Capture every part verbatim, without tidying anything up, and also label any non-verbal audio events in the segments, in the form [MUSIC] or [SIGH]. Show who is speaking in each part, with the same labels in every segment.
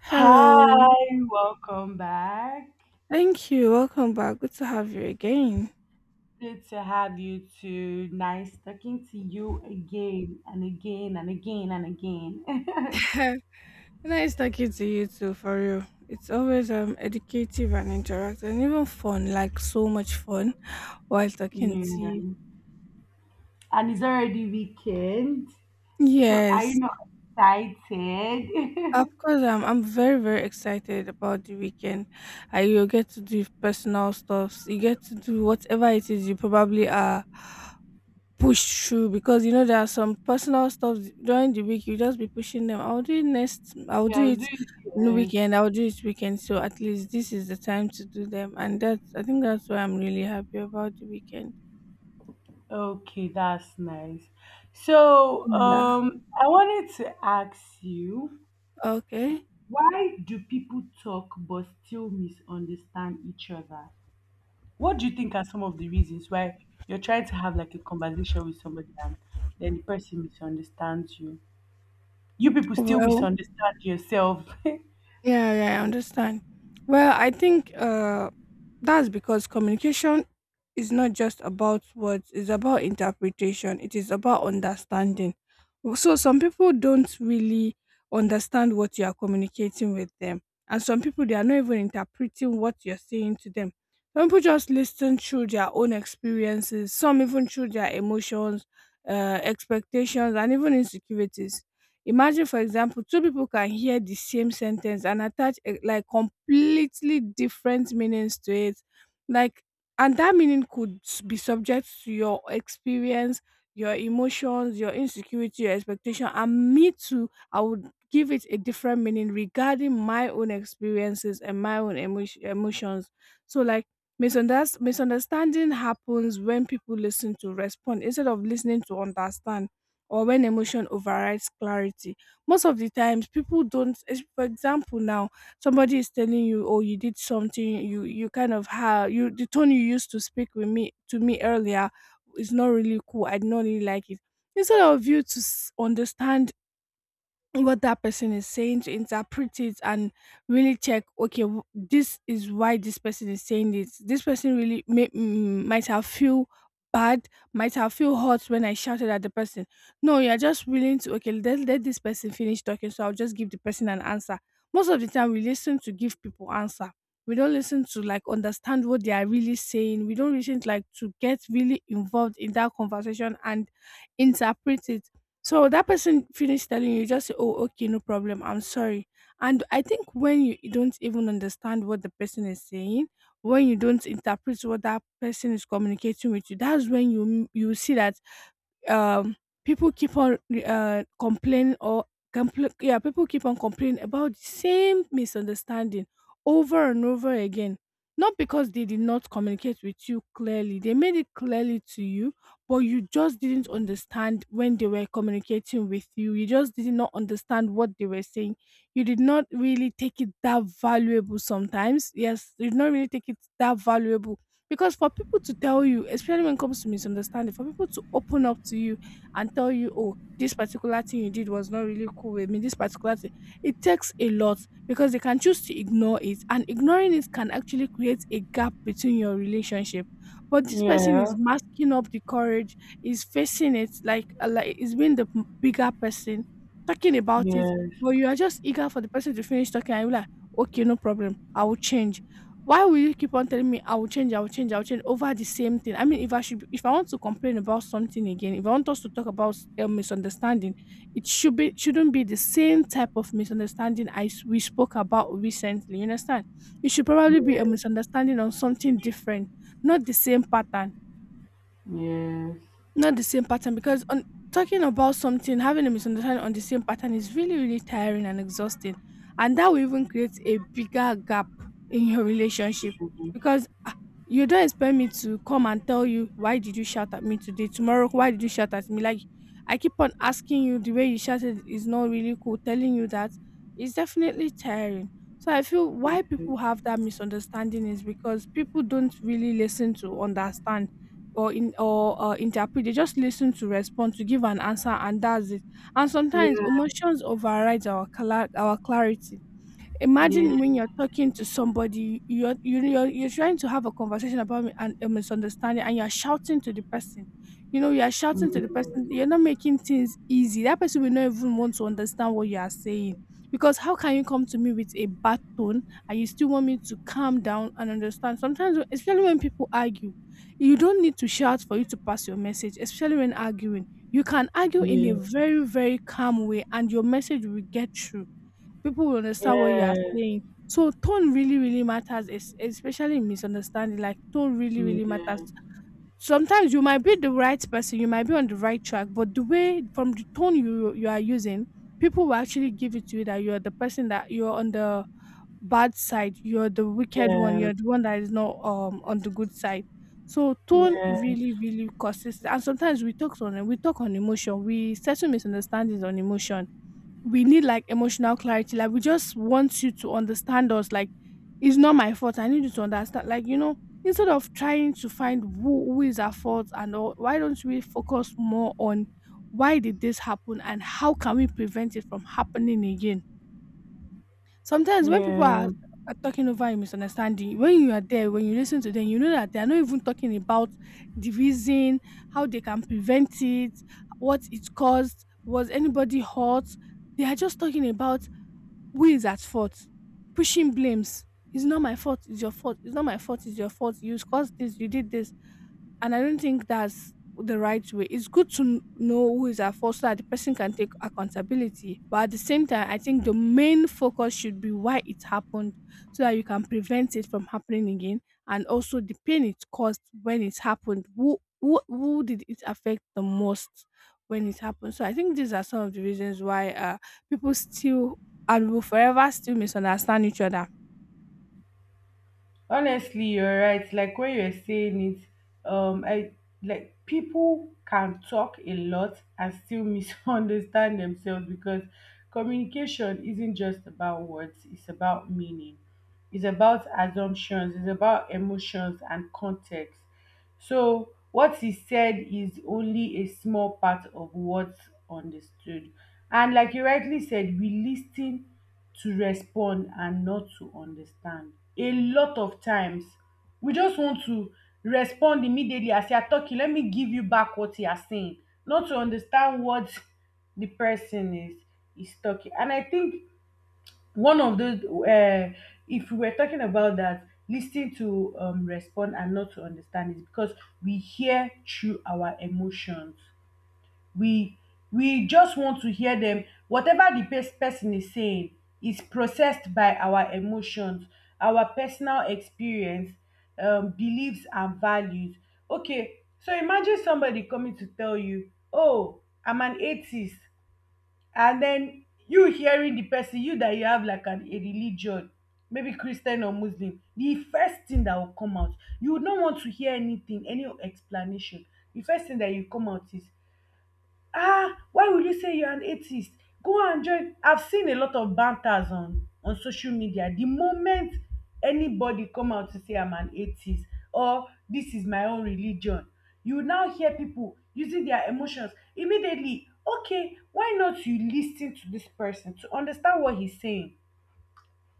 Speaker 1: Hello.
Speaker 2: Hi, welcome back.
Speaker 1: Thank you. Welcome back. Good to have you again.
Speaker 2: Good to have you too. Nice talking to you again and again and again and again.
Speaker 1: [LAUGHS] Nice talking to you too, for real. It's always um educative and interactive and even fun, like so much fun while
Speaker 2: [LAUGHS]
Speaker 1: talking to you.
Speaker 2: Yeah. And it's already weekend. So are you
Speaker 1: Yes.
Speaker 2: not excited?
Speaker 1: Of course,
Speaker 2: [LAUGHS]
Speaker 1: um, I'm very, very excited about the weekend. Uh, you get to do personal stuffs. You get to do whatever it is you probably are push through because you know there are some personal stuff during the week you just be pushing them. I'll do it next, I'll do
Speaker 2: Yeah, do
Speaker 1: it
Speaker 2: it.
Speaker 1: in the
Speaker 2: Yes.
Speaker 1: weekend, I'll do it weekend. So at least this is the time to do them, and that's i think that's why I'm really happy about the weekend.
Speaker 2: Okay, that's nice. So
Speaker 1: Mhm.
Speaker 2: um I wanted to ask you,
Speaker 1: Okay.
Speaker 2: why do people talk but still misunderstand each other? What do you think are some of the reasons why you're trying to have like a conversation with somebody and then the person misunderstands you? You people still
Speaker 1: Well,
Speaker 2: misunderstand yourself. [LAUGHS]
Speaker 1: Yeah, yeah, I understand. Well, I think uh, that's because communication is not just about words, it's about interpretation, it is about understanding. So, some people don't really understand what you are communicating with them, and some people they are not even interpreting what you're saying to them. Some people just listen through their own experiences, some even through their emotions, uh, expectations, and even insecurities. Imagine, for example, two people can hear the same sentence and attach eh, like completely different meanings to it. Like, and that meaning could s- be subject to your experience, your emotions, your insecurity, your expectation. And me too, I would give it a different meaning regarding my own experiences and my own emo- emotions. So, like, misunderst- misunderstanding happens when people listen to respond instead of listening to understand, or when emotion overrides clarity. Most of the times people don't es- for example now somebody is telling you, oh, you did something, you you kind of have you, the tone you used to speak with me, to me earlier, is not really cool. I did not really like it. Instead of you to s- understand what that person is saying, to interpret it, and really check, okay, w- this is why this person is saying this, this person really may, mm, might have feel bad, might have feel hurt when I shouted at the person. No, you're just willing to, okay, let, let this person finish talking so I'll just give the person an answer. Most of the time we listen to give people answer, we don't listen to like understand what they are really saying. We don't listen like to get really involved in that conversation and interpret it. So that person finished telling you, you just say, "Oh, okay, no problem. I'm sorry." And I think when you you don't even understand what the person is saying, when you don't interpret what that person is communicating with you, that's when you you see that um, people keep on uh, complaining or compl- yeah, people keep on complaining about the same misunderstanding over and over again. Not because they did not communicate with you clearly, they made it clearly to you, but you just didn't understand when they were communicating with you. You just did not understand what they were saying. You did not really take it that valuable sometimes. Yes, you did not really take it that valuable, because for people to tell you, especially when it comes to misunderstanding, for people to open up to you and tell you, oh, this particular thing you did was not really cool with me, this particular thing, it takes a lot, because they can choose to ignore it. And ignoring it can actually create a gap between your relationship. But this person
Speaker 2: Yeah.
Speaker 1: is masking up the courage, is facing it, like, uh, like is being the m- bigger person, talking about it.
Speaker 2: Yes.
Speaker 1: But you are just eager for the person to finish talking and you're like, okay, no problem, I will change. Why will you keep on telling me I will change, I will change, I will change over the same thing? I mean, if I should, if I want to complain about something again, if I want us to talk about a misunderstanding, it should be, shouldn't be the same type of misunderstanding I s- we spoke about recently. You understand? It should probably be a
Speaker 2: Yes.
Speaker 1: misunderstanding on something different, not the same pattern.
Speaker 2: Yes.
Speaker 1: Not the same pattern, because on talking about something, having a misunderstanding on the same pattern is really, really tiring and exhausting. And that will even create a bigger gap in your relationship
Speaker 2: Mhm.
Speaker 1: because, ah, you don't expect me to come and tell you, why did you shout at me today? Tomorrow, why did you shout at me? Like, I keep on asking you, the way you shouted is not really cool. Telling you that is definitely tiring. So I feel why people have that misunderstanding is because people don't really listen to understand or in or uh, interpret. They just listen to respond, to give an answer, and that's it. And sometimes
Speaker 2: Yeah.
Speaker 1: emotions overrides our cla- our clarity.
Speaker 2: Yeah. Yes.
Speaker 1: Imagine when you're
Speaker 2: Yes.
Speaker 1: talking to somebody, you're you you're, you're trying to have a conversation about mi- an, a misunderstanding, and you're shouting to the person. You know, you're shouting to the person, you're not making things easy. That person will not even want to understand what you are saying, because how can you come to me with a bad tone and you still want me to calm down and understand? Sometimes when- especially when people argue, you don't need to shout for you to pass your message, especially when arguing. You can argue in a very, very calm way and your message will get through. People will understand what you are saying. So tone really, really matters, es- especially in misunderstanding. Like, tone really, really matters. Sometimes you might be the right person, you might be on the right track, but the way, from the tone you you are using, people will actually give it to you that you're the person, that you're on the bad side, you're the
Speaker 2: Yeah.
Speaker 1: wicked one,
Speaker 2: Yeah.
Speaker 1: you're the one that is not um on the good side. So
Speaker 2: Yeah.
Speaker 1: tone
Speaker 2: Yeah.
Speaker 1: really, really causes, and sometimes we talk on we talk on emotion, we settle misunderstandings on emotion. We need like emotional clarity. Like, we just want you to understand us. Like, it's not my fault. I need you to understand. Like, you know, instead of trying to find who who is at fault and all, why don't we focus more on why did this happen and how can we prevent it from happening again? Sometimes when people
Speaker 2: Yeah.
Speaker 1: are are talking over a misunderstanding, when you are there, when you listen to them, you know that they are not even talking about the reason, how they can prevent it, what it caused, was anybody hurt. They are just talking about who is at fault? Pushing blames. It's not my fault. It's your fault. It's not my fault. It's your fault. You caused this. You did this. And I don't think that's the right way. It's good to kn- know who is at fault so that the person can take accountability. But at the same time, I think the main focus should be why it happened, so that you can prevent it from happening again, and also the pain it caused when it happened. Who who, who did it affect the most when it happened? So I think these are some of the reasons why uh, people still and will forever still misunderstand each other.
Speaker 2: Honestly, you're right. Like when you're saying it, um i like, people can talk a lot and still [LAUGHS] misunderstand themselves, because communication isn't just about words. It's about meaning, it's about assumptions, it's about emotions and context. So what he said is only a small part of what's understood. And like you rightly said, we listen to respond and not to understand. A lot of times we just want to respond immediately. As you are talking, let me give you back what you are saying, not to understand what the person is is talking. And I think one of those, um if we were talking about that lis ten to um respond and not to understand, is because we hear through our emotions. we we just want to hear them. Whatever the pes- person is saying is processed by our emotions, our personal experience, um, beliefs and values. Okay, so imagine somebody coming to tell you, oh, I'm an atheist, and then you hearing the person, you that you have like an a religion, maybe Christian or Muslim, the first thing that will come out, you would not want to hear anything, any explanation. The first thing that you come out is, ah, why will you say you're an atheist? Go and join. I've seen a lot of banters on, on social media. The moment anybody come out to say I'm an atheist or this is my own religion, you now hear people using their emotions immediately. Okay, why not you listen to this person to understand what he's saying?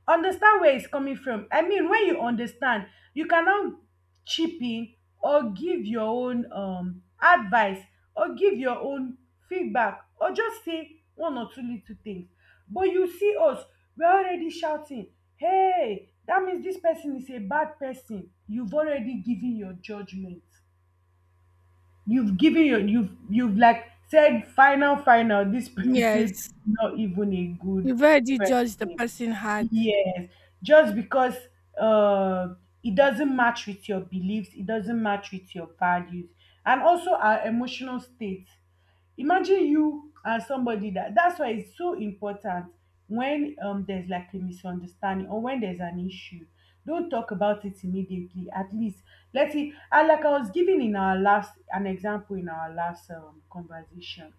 Speaker 2: Understand where it's coming from. I mean, when you understand, you can now chip in or give your own um advice or give your own feedback, or just say one or two little things. But you see us, we're already shouting, hey, that means this person is a bad person. You've already given your judgment. You've given your, you've you've like said final final this [LAUGHS] person is
Speaker 1: Yes.
Speaker 2: not even a good
Speaker 1: You've already judged the
Speaker 2: person.
Speaker 1: person hard.
Speaker 2: Yes, just because uh, it doesn't match with your beliefs, it doesn't match with your values, and also our emotional state. Imagine you as somebody that, that's why it's so important when um, there's like a misunderstanding or when there's an issue. Don't talk about it immediately. At least let it. And like I was giving in our last an example in our last um, conversation,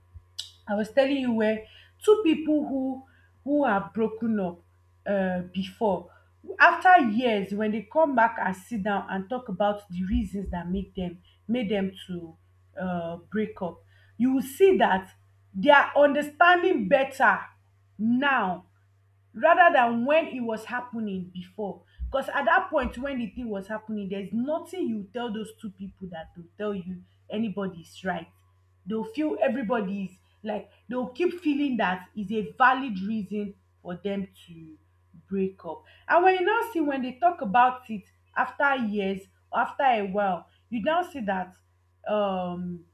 Speaker 2: I was telling you, where two people who who have broken up uh, before, after years when they come back and sit down and talk about the reasons that make them made them to uh, break up, you will see that they are understanding better now, rather than when it was happening before. Because at that point when the thing was happening, there's nothing you tell those two people that will tell you anybody's right. They'll feel everybody's, like, they'll keep feeling that is a valid reason for them to break up. And when you now see, when they talk about it after years or after a while, you now see that um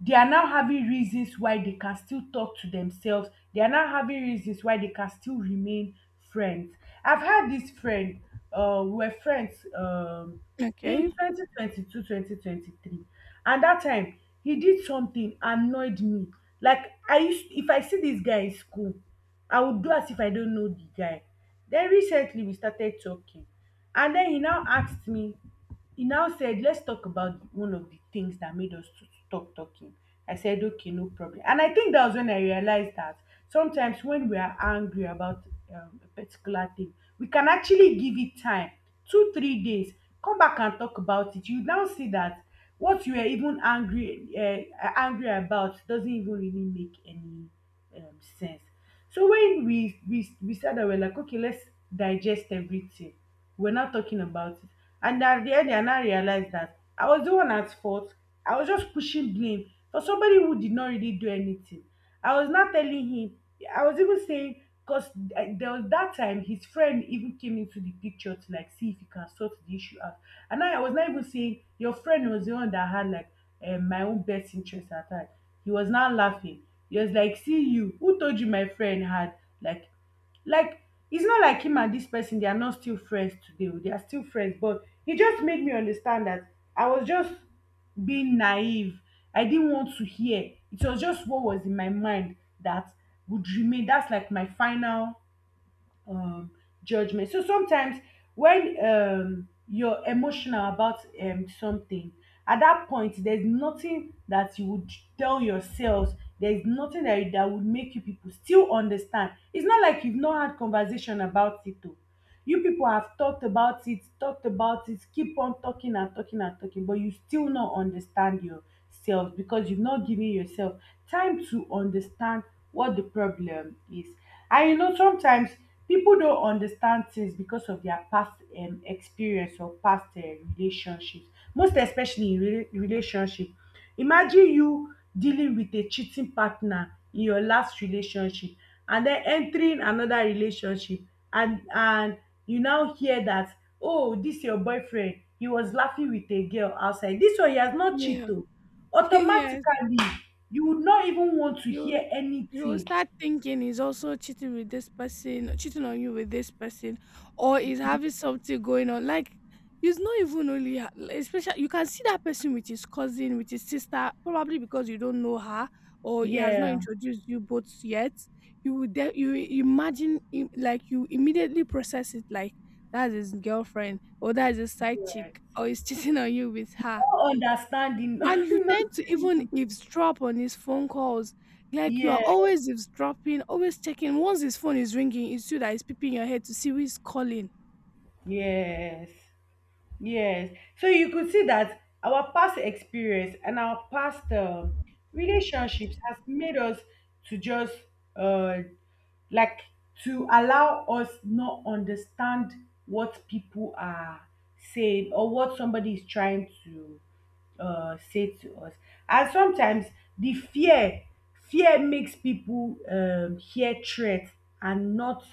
Speaker 2: they are now having reasons why they can still talk to themselves. They are now having reasons why they can still remain friends. I've had this friend, uh, we were friends, um, in
Speaker 1: Okay.
Speaker 2: twenty twenty-two twenty twenty-three, and that time he did something annoyed me, like, I used, if I see this guy in school, I would do as if I don't know the guy. Then recently we started talking, and then he now asked me, he now said, let's talk about one of the things that made us to stop talking. I said, okay, no problem. And I think that was when I realized that sometimes when we are angry about um, a particular thing, we can actually give it time, two three days, come back and talk about it. You now see that what you were even angry uh, angry about doesn't even really make any um, sense. So when we we we sat down, we're like, okay, let's digest everything. We're not talking about it. And at the end, I now realized that I was the one at fault. I was just pushing blame for somebody who did not really do anything. I was not telling him. I was even saying, because there was that time his friend even came into the picture to like see if he can sort the issue out. And I, I was not even saying your friend was the one that had like um, my own best interest at heart. He was now laughing. He was like, "See you? Who told you my friend had like like it's not like him and this person they are not still friends today. Oh, they are still friends, but he just made me understand that I was just being naive. I didn't want to hear. It was just what was in my mind that would remain, that's like my final um judgment. So sometimes when um you're emotional about um something, at that point there's nothing that you would tell yourselves. There's nothing that, that would make you people still understand. It's not like you've not had conversation about it, though. You people have talked about it, talked about it, keep on talking and talking and talking, but you still not understand yourself, because you've not given yourself time to understand what the problem is. And you know, sometimes people don't understand things because of their past um, experience or past uh, relationships. Most especially in rela- relationship. Imagine you dealing with a cheating partner in your last relationship and den entering another relationship, and and you now hear dat, "oh dis your boyfriend he was laughing with a girl outside, dis one he has not cheat
Speaker 1: Yeah.
Speaker 2: oo,"
Speaker 1: [LAUGHS] Yes,
Speaker 2: automatically you would not even want to hear
Speaker 1: you you will
Speaker 2: anything.
Speaker 1: start thinking he's also cheating with this person, cheating on you with this person, or is having something going on. Like, he's not even only ha- like, especially you can see that person with his cousin, with his sister, probably because you don't know her or he has not
Speaker 2: Yeah,
Speaker 1: introduced you both yet. You would de- you imagine im- like you immediately process it like that's his girlfriend or that's his side chick
Speaker 2: yes,
Speaker 1: or he's [LAUGHS] cheating on you with her.
Speaker 2: no understanding.
Speaker 1: And you tend to even eavesdrop on his phone calls.
Speaker 2: [LAUGHS]
Speaker 1: Like, you are
Speaker 2: Yes,
Speaker 1: always eavesdropping, always checking. Once his phone is ringing, it's you that is peeping your head to see who is calling.
Speaker 2: yes. Yes. So you could see that our past experience and our past um, relationships has made us to just, uh, like, to allow us not understand what people are saying, or what somebody is trying to uh, say to us. And sometimes the fear, fear makes people um, hear threats and not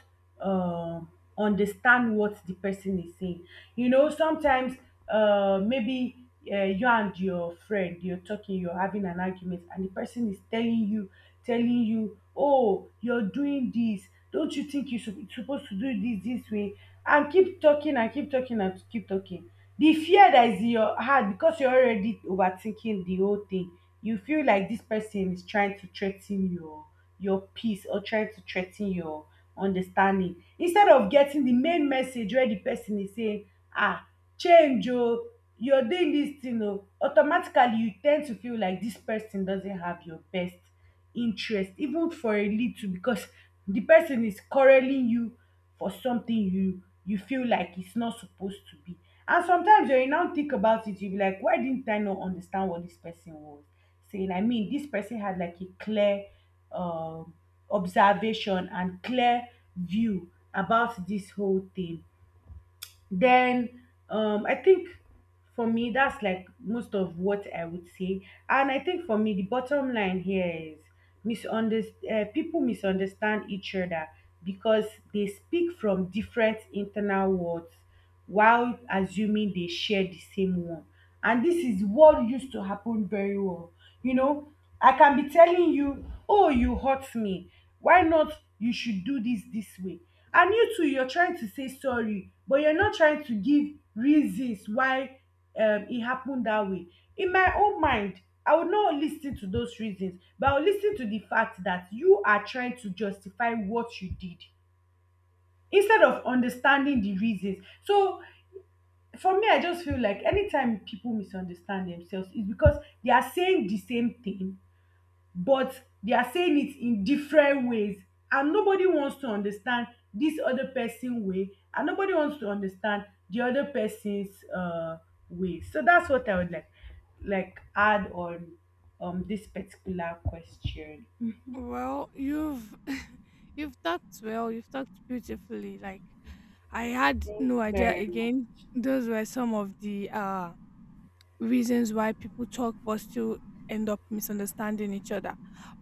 Speaker 2: um, understand what the person is saying. You know, sometimes uh, maybe uh, you and your friend, you're talking, you're having an argument, and the person is telling you, telling you, oh, oh, you're doing this, don't you think you sup- supposed to do this this way, and keep talking and keep talking and keep talking, the fear that is in your heart, because you're already overthinking the whole thing, you feel like this person is trying to threaten your your peace, or trying to threaten your understanding, instead of getting the main message where the person is saying, ah, change oh, you're doing this thing oh, automatically you tend to feel like this person doesn't have your best interest even for a little, because the person is quarreling you for something you, you feel like it's not supposed to be. And sometimes when you now think about it, you be like, why didn't I not understand what this person was saying? I mean, this person had like a clear um observation and clear view about this whole thing. Then um, I think for me, that's like most of what I would say. And I think for me, the bottom line here is misunderstand. Uh, people misunderstand each other because they speak from different internal words while assuming they share the same one. And this is what used to happen very well you know I can be telling you, "Oh, you hurt me, why not, you should do this this way," and you too, you're trying to say sorry but you're not trying to give reasons why um, it happened that way. In my own mind, I would not lis ten to those reasons, but I will lis ten to the fact that you are trying to justify what you did instead of understanding the reasons. So for me, I just feel like anytime people misunderstand themselves, it's because they are saying the same thing, but they are saying it in different ways, and nobody wants to understand this other person way, and nobody wants to understand the other person's uh way. So that's what I would like like add on um this particular question.
Speaker 1: Well, you've [LAUGHS] you've talked well. You've talked beautifully. Like, I had
Speaker 2: Thank you
Speaker 1: no idea.
Speaker 2: very much.
Speaker 1: Again, those were some of the uh reasons why people talk but still end up misunderstanding each other.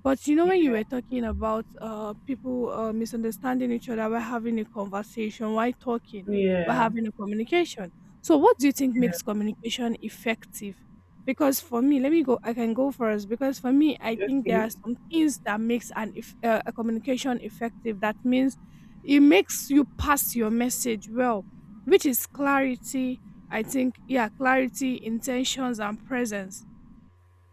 Speaker 1: But you know, when you
Speaker 2: Yeah,
Speaker 1: were talking about uh, people uh, misunderstanding each other while having a conversation, while talking, while
Speaker 2: yeah,
Speaker 1: having a communication. So, what do you think makes communication effective? Because for me, let me go. I can go first. Because for me, I
Speaker 2: yeah.
Speaker 1: think there
Speaker 2: Okay.
Speaker 1: are some things that makes an if, uh, a communication effective. That means it makes you pass your message well, which is clarity. I think, yeah, clarity, intentions, and presence.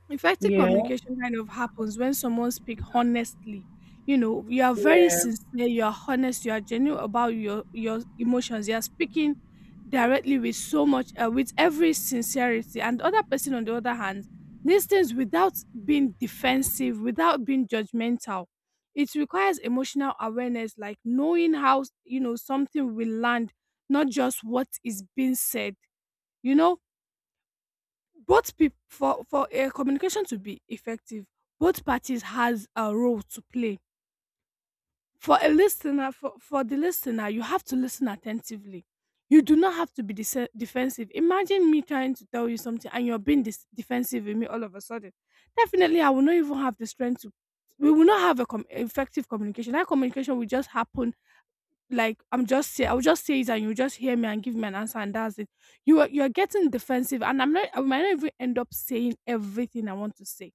Speaker 1: Effective
Speaker 2: Yeah,
Speaker 1: communication kind of happens when someone speaks honestly. You know, you are very
Speaker 2: yeah.
Speaker 1: sincere, you are honest, you are genuine about your your emotions. You are speaking directly with so much, uh, with every sincerity. And the other person, on the other hand, listens without being defensive, without being judgmental. It requires emotional awareness, like knowing how you know something will land, not just what is being said. You know, both peop for for a communication to be effective, both parties has a role to play. For a listener, for for the listener, you have to listen attentively. You do not have to be dese- defensive. Imagine me trying to tell you something and you're being dis defensive with me all of a sudden. Definitely I will not even have the strength to. We will not have a com effective communication. That communication will just happen like I'm just say I'll just say it and you just hear me and give me an answer and that's it. You are you're getting defensive and I'm not I might not even end up saying everything I want to say.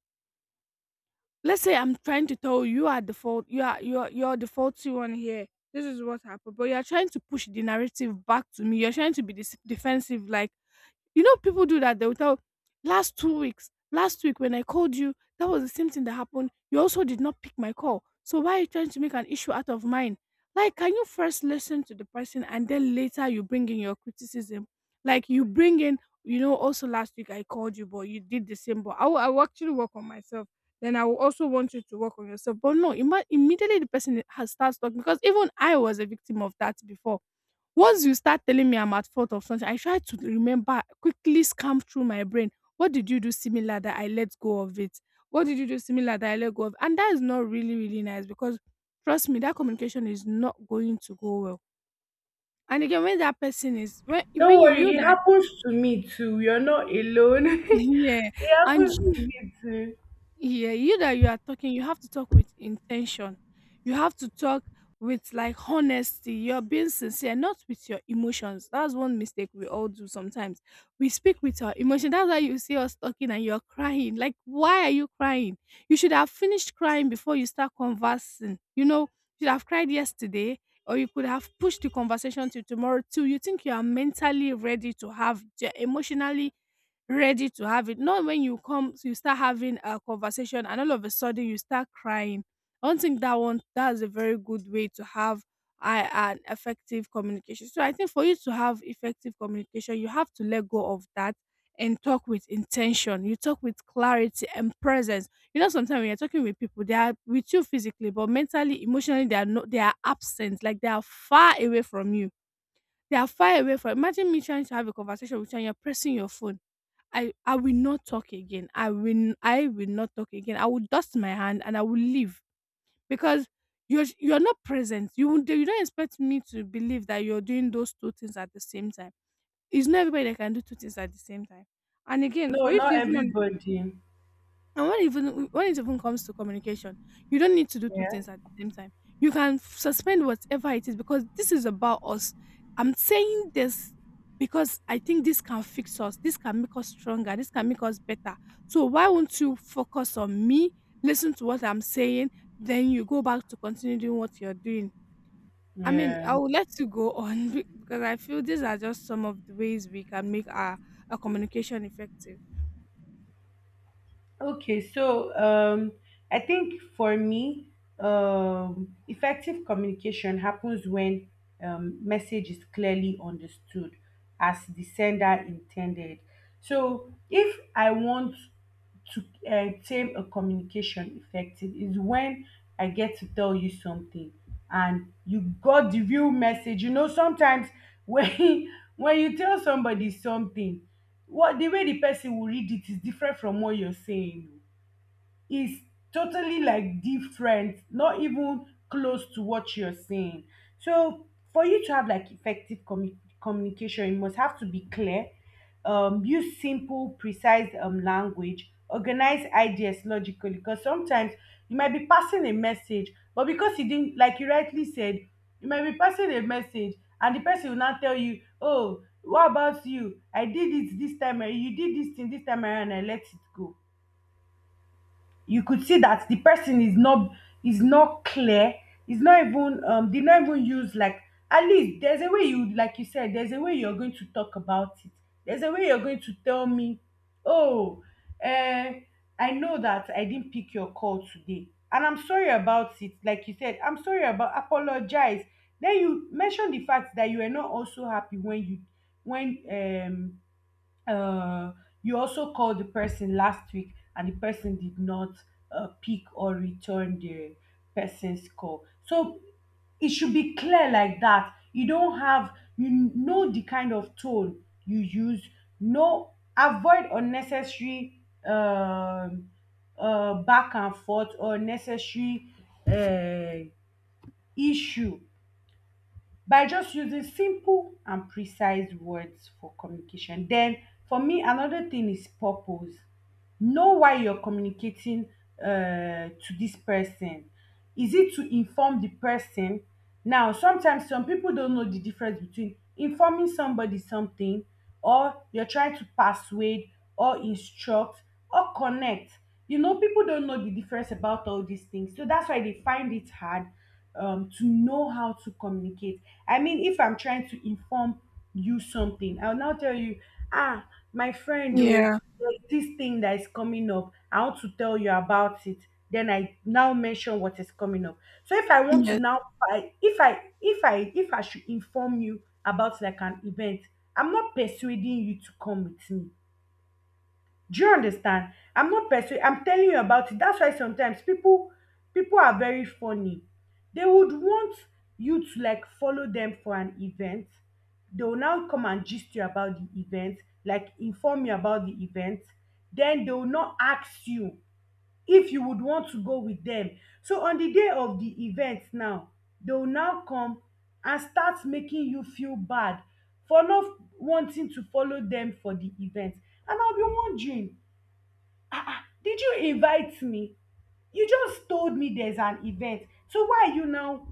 Speaker 1: Let's say I'm trying to tell you you are the fault you are you're you're the faulty one here. This is what happened. But you're trying to push the narrative back to me. You're trying to be dis- defensive. Like, you know, people do that. They'll tell last two weeks, last week when I called you, that was the same thing that happened. You also did not pick my call. So why are you trying to make an issue out of mine? Like, can you first listen to the person and then later you bring in your criticism? Like you bring in, you know, also last week I called you, but you did the same. But I will, I will actually work on myself. Then I will also want you to work on yourself. But no, imma- immediately the person has starts talking. Because even I was a victim of that before, once you start telling me I'm at fault of something, I try to remember, quickly scan through my brain. What did you do similar that I let go of it? What did you do similar that I let go of? And that is not really, really nice, because trust me, that communication is not going to go well. And again, when that person is when
Speaker 2: Don't
Speaker 1: when you
Speaker 2: worry,
Speaker 1: you
Speaker 2: it
Speaker 1: that
Speaker 2: happens to me too, you're not alone. [LAUGHS]
Speaker 1: [LAUGHS] yeah,
Speaker 2: It
Speaker 1: and
Speaker 2: happens to me too.
Speaker 1: Yeah, you that you are talking, you have to talk with intention. You have to talk with like honesty. You're being sincere, not with your emotions. That's one mistake we all do sometimes. We speak with our emotion. That's why you see us talking and you're crying. Like, why are you crying? You should have finished crying before you start conversing. You know, you should have cried yesterday, or you could have pushed the conversation to tomorrow too. You think you are mentally ready to have the emotionally ready to have it. Not when you come, you start having a conversation, and all of a sudden you start crying. I don't think that one that's a very good way to have I an effective communication. So I think for you to have effective communication, you have to let go of that and talk with intention. You talk with clarity and presence. You know, sometimes when you're talking with people, they are with you physically, but mentally, emotionally, they are not. They are absent. Like they are far away from you. They are far away from. Imagine me trying to have a conversation with you, and you're pressing your phone. I I will not talk again. I will I will not talk again. I will dust my hand and I will leave, because you're you're not present. You won't- you don't expect me to believe that you're doing those two things at the same time. It's not everybody that can do two things at the same time. And again,
Speaker 2: No,
Speaker 1: for you to
Speaker 2: not
Speaker 1: even
Speaker 2: everybody.
Speaker 1: and when even when it even comes to communication, you don't need to do two
Speaker 2: Yeah.
Speaker 1: things at the same time. You can f- suspend whatever it is, because this is about us. I'm saying this because I think this can fix us. This can make us stronger. This can make us better. So why won't you focus on me? Listen to what I'm saying, then you go back to continue doing what you're doing. I mean,
Speaker 2: Yeah.
Speaker 1: I will let you go on [LAUGHS] be- because I feel these are just some of the ways we can make our, our communication effective.
Speaker 2: Okay. So, um, I think for me, um, effective communication happens when um, message is clearly understood as the sender intended. So, if I want to uh, tame a communication effective, is when I get to tell you something and you got the real message. You know, sometimes when [LAUGHS] when you tell somebody something, what the way the person will read it is different from what you're saying, is totally like different, not even close to what you're saying. So for you to have like effective commu- communication, you must have to be clear, um, use simple, precise um, language, organize ideas logically. Because sometimes you might be passing a message, but because you didn't, like you rightly said, you might be passing a message, and the person will now tell you, "Oh, what about you? I did it this time. eh, You did this thing this time around, and I let it go." You could see that the person is not, is not clear, is not even um did not even use like, at least there's a way you, like you said, there's a way you're going to talk about it, there's a way you're going to tell me, "Oh, uh I know that I didn't pick your call today, and I'm sorry about it." Like you said, "I'm sorry about," apologize. Then you mention the fact that you were not also happy when you, when um uh, you also called the person last week and the person did not uh, pick or return the person's call. So it should be clear like that. You don't have, you know, the kind of tone you use. No, avoid unnecessary um, uh, back and forth, or necessary uh, issue, by just using simple and precise words for communication. Den for me another thing is purpose. Know why you're communicating um to dis person. Is it to inform the person? Now sometimes some people don't know the difference between informing somebody something, or you're trying to persuade, or instruct, or connect. You know, people don't know the difference about all these things, so that's why they find it hard um, to know how to communicate. I mean, if I'm trying to inform you something, I'll now tell you, ah, my friend, oh,
Speaker 1: Yeah.
Speaker 2: there's this thing that is coming up, I want to tell you about it. Then I now mention what is coming up. So if I want to
Speaker 1: Yes.
Speaker 2: now, I- if I, if I, if I should inform you about like an event, I'm not persuading you to come with me. Do you understand? I'm not persuaded, I'm telling you about it. That's why sometimes people, people are very funny. They would want you to like follow them for an event. They will now come and gist you about the event, like inform you about the event. Then they will not ask you if you would want to go with them. So on the day of the event now, they will now come and start making you feel bad for not wanting to follow them for the event. And I'll be wondering, ah ah, did you invite me? You just told me there's an event, so why are you now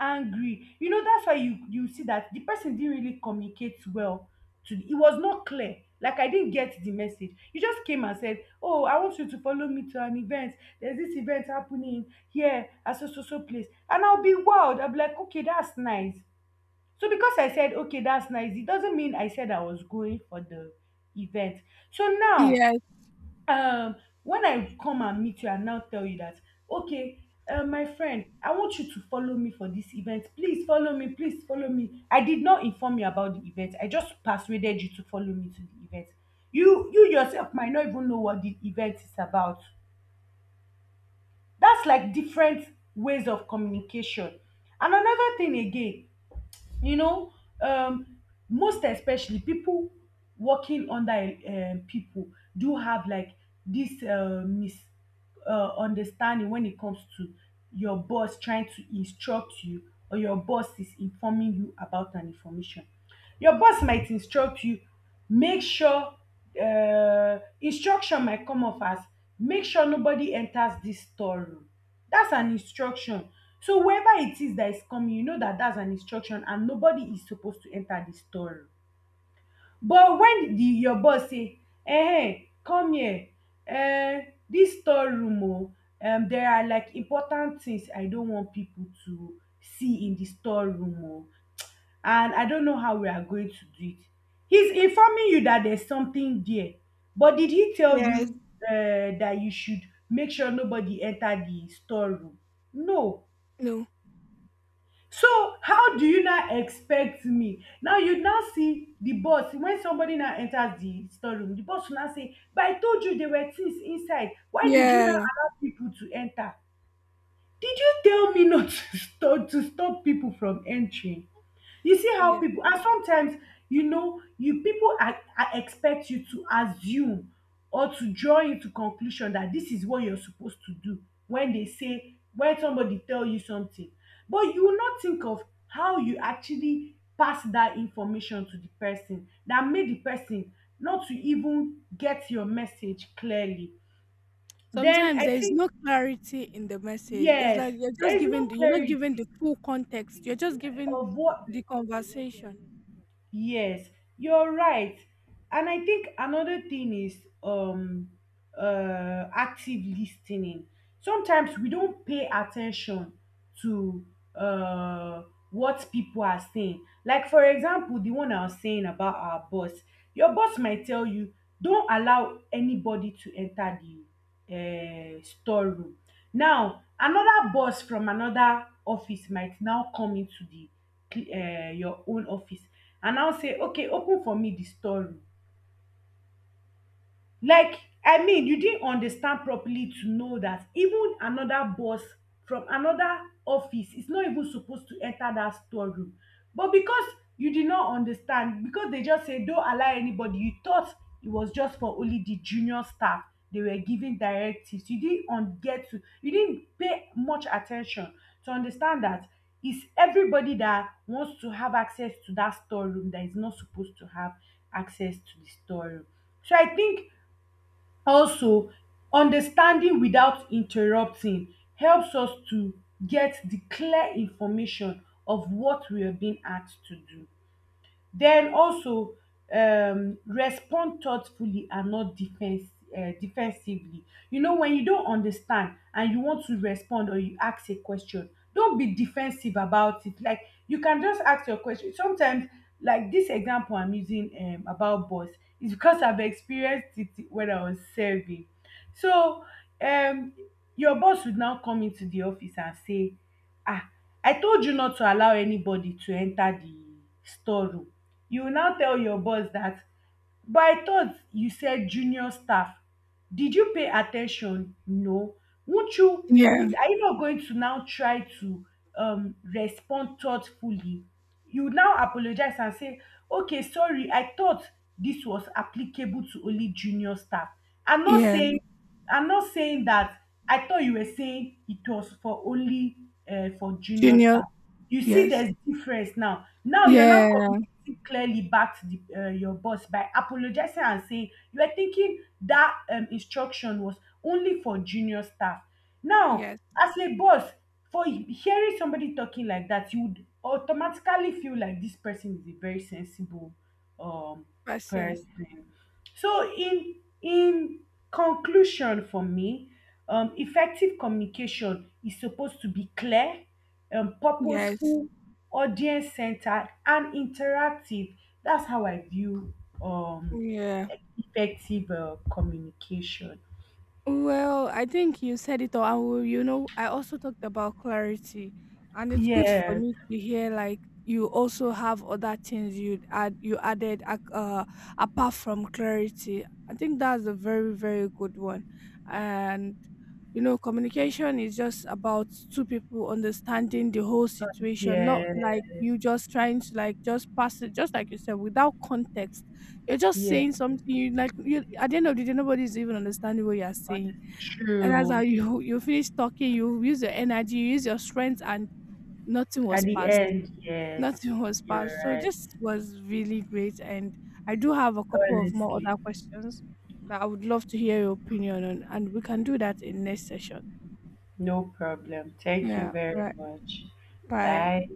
Speaker 2: angry? You know, that's why you, you see that the person didn't really communicate well. To, it was not clear, like I didn't get the message. You just came and said, "Oh, I want you to follow me to an event, there's this event happening here at so so so place," and i'll be wild I'll be like, "Okay, that's nice." So because I said, "Okay, that's nice," it doesn't mean I said I was going for the event. So now
Speaker 1: Yes.
Speaker 2: um when I come and meet you and now tell you that, "Okay, um my friend, I want you to follow me for this event, please follow me, please follow me," I did not inform you about the event, I just persuaded you to follow me to the event. you you yourself might not even know what the event is about. That's like different ways of communication. And another thing again, you know, um, most especially people working under um, people, do have like this uh, mis uh, understanding when it comes to your boss trying to instruct you, or your boss is informing you about an information. Your boss might instruct you, make sure, uh, instruction might come off as, make sure nobody enters this storeroom. That's an instruction. So whoever it is that is coming, you know that that's an instruction and nobody is supposed to enter the story. But when the, your boss say, "Ehen, come here. um Dis storeroom oo, um there are like important things I don't want people to see in the storeroom oo, and I don't know how we are going to do it." He's informing you that there's something there. But did he tell
Speaker 1: Yes.
Speaker 2: you um that you should make sure nobody enter the storeroom? No.
Speaker 1: No.
Speaker 2: So how do you now expect me? Now you now see the boss when somebody now enters the storeroom, the boss will now say, "But I told you there were things inside. Why did you now
Speaker 1: Yeah.
Speaker 2: allow people to enter? Did you tell me not [LAUGHS] to stop to stop people from entering?" You see how
Speaker 1: Yeah.
Speaker 2: people, and sometimes, you know, you people are, are, expect you to assume or to draw into conclusion that this is what you're supposed to do, when they say, when somebody tell you something, but you will not think of how you actually pass that information to the person, that made the person not to even get your message clearly. Then
Speaker 1: Sometimes
Speaker 2: I
Speaker 1: there is
Speaker 2: think,
Speaker 1: no clarity in the message. It's
Speaker 2: yes,
Speaker 1: like you're
Speaker 2: there
Speaker 1: just
Speaker 2: is no
Speaker 1: giving the, you're not giving
Speaker 2: clarity
Speaker 1: the full context. You're just giving
Speaker 2: of what.
Speaker 1: the conversation.
Speaker 2: Yes, you're right. And I think another thing is um uh active listening. Sometimes we don't pay attention to uh what people are saying. Like for example, the one I was saying about our boss. Your boss might tell you, "Don't allow anybody to enter the uh, storeroom." Now, another boss from another office might now come into the um your own office and now say, "Okay, open for me the store room." Like, I mean, you didn't understand properly to know that even another boss from another office is not even supposed to enter that storeroom. But because you did not understand, because they just say, "Don't allow anybody," you thought it was just for only the junior staff they were giving directives. You didn't un- get to, you didn't pay much attention to understand that it's everybody that wants to have access to that storeroom that is not supposed to have access to the storeroom. So I think also, understanding without interrupting helps us to get the clear information of what we are being asked to do. Den also, um respond thoughtfully and not defense um defensively. You know, when you don understand and you want to respond, or you ask a question, don't be defensive about it. Like, you can just ask your question. Sometimes, like this example I'm using um about bus is because I've experienced it when I was serving. So um your boss would now come into the office and say, "Ah, I told you not to allow anybody to enter the store room." You now tell your boss dat, "But I thought you said junior staff, did you pay at ten tion? No. Wont you
Speaker 1: Yeah,
Speaker 2: would, are you not going to now try to um respond thoughtfully?" You now apologize and say, "Okay, sorry, I thought this was applicable to only junior staff. I'm not
Speaker 1: yeah.
Speaker 2: saying, I'm not saying that, I thought you were saying it was for only um for junior
Speaker 1: Junior,
Speaker 2: staff." You see
Speaker 1: yes.
Speaker 2: there's difference. Now now you're
Speaker 1: Yeah,
Speaker 2: not communicating clearly back to the, uh, your boss by apologizing and saying you were thinking that um, instruction was only for junior staff. Now,
Speaker 1: yes.
Speaker 2: as a boss, for hearing somebody talking like that, you would automatically feel like this person is a very sensible um
Speaker 1: Person,
Speaker 2: person. So in in conclusion, for me, um effective communication is supposed to be clear, um,
Speaker 1: yes.
Speaker 2: purposeful, audience centered, and interactive. That's how I view um,
Speaker 1: Yeah.
Speaker 2: effective uh, communication.
Speaker 1: Well, I think you said it all. I You know, I also talked about clarity, and it's good for
Speaker 2: Yes,
Speaker 1: me to hear like you also have other things you add you added ac- uh apart from clarity. I think that's a very, very good one, and you know, communication is just about two people understanding the whole situation, not like
Speaker 2: yes,
Speaker 1: you just trying to like just pass it, just like you said, without context. You're just
Speaker 2: yes.
Speaker 1: saying something you like you at the end of the day nobody's even understanding what you're saying.
Speaker 2: Honestly,
Speaker 1: And that's how
Speaker 2: true.
Speaker 1: you [LAUGHS] you finish talking, you use your energy, you use your strength and nothing
Speaker 2: At
Speaker 1: was
Speaker 2: the
Speaker 1: passed.
Speaker 2: end, yes,
Speaker 1: Nothing [LAUGHS] was
Speaker 2: you're
Speaker 1: passed. So
Speaker 2: right.
Speaker 1: this was really great, and I do have a couple of more
Speaker 2: Honestly,
Speaker 1: other questions that I would love to hear your opinion on, and we can do that in next session.
Speaker 2: no problem. Thank you
Speaker 1: Yeah,
Speaker 2: very
Speaker 1: right.
Speaker 2: much.
Speaker 1: Bye.
Speaker 2: Bye.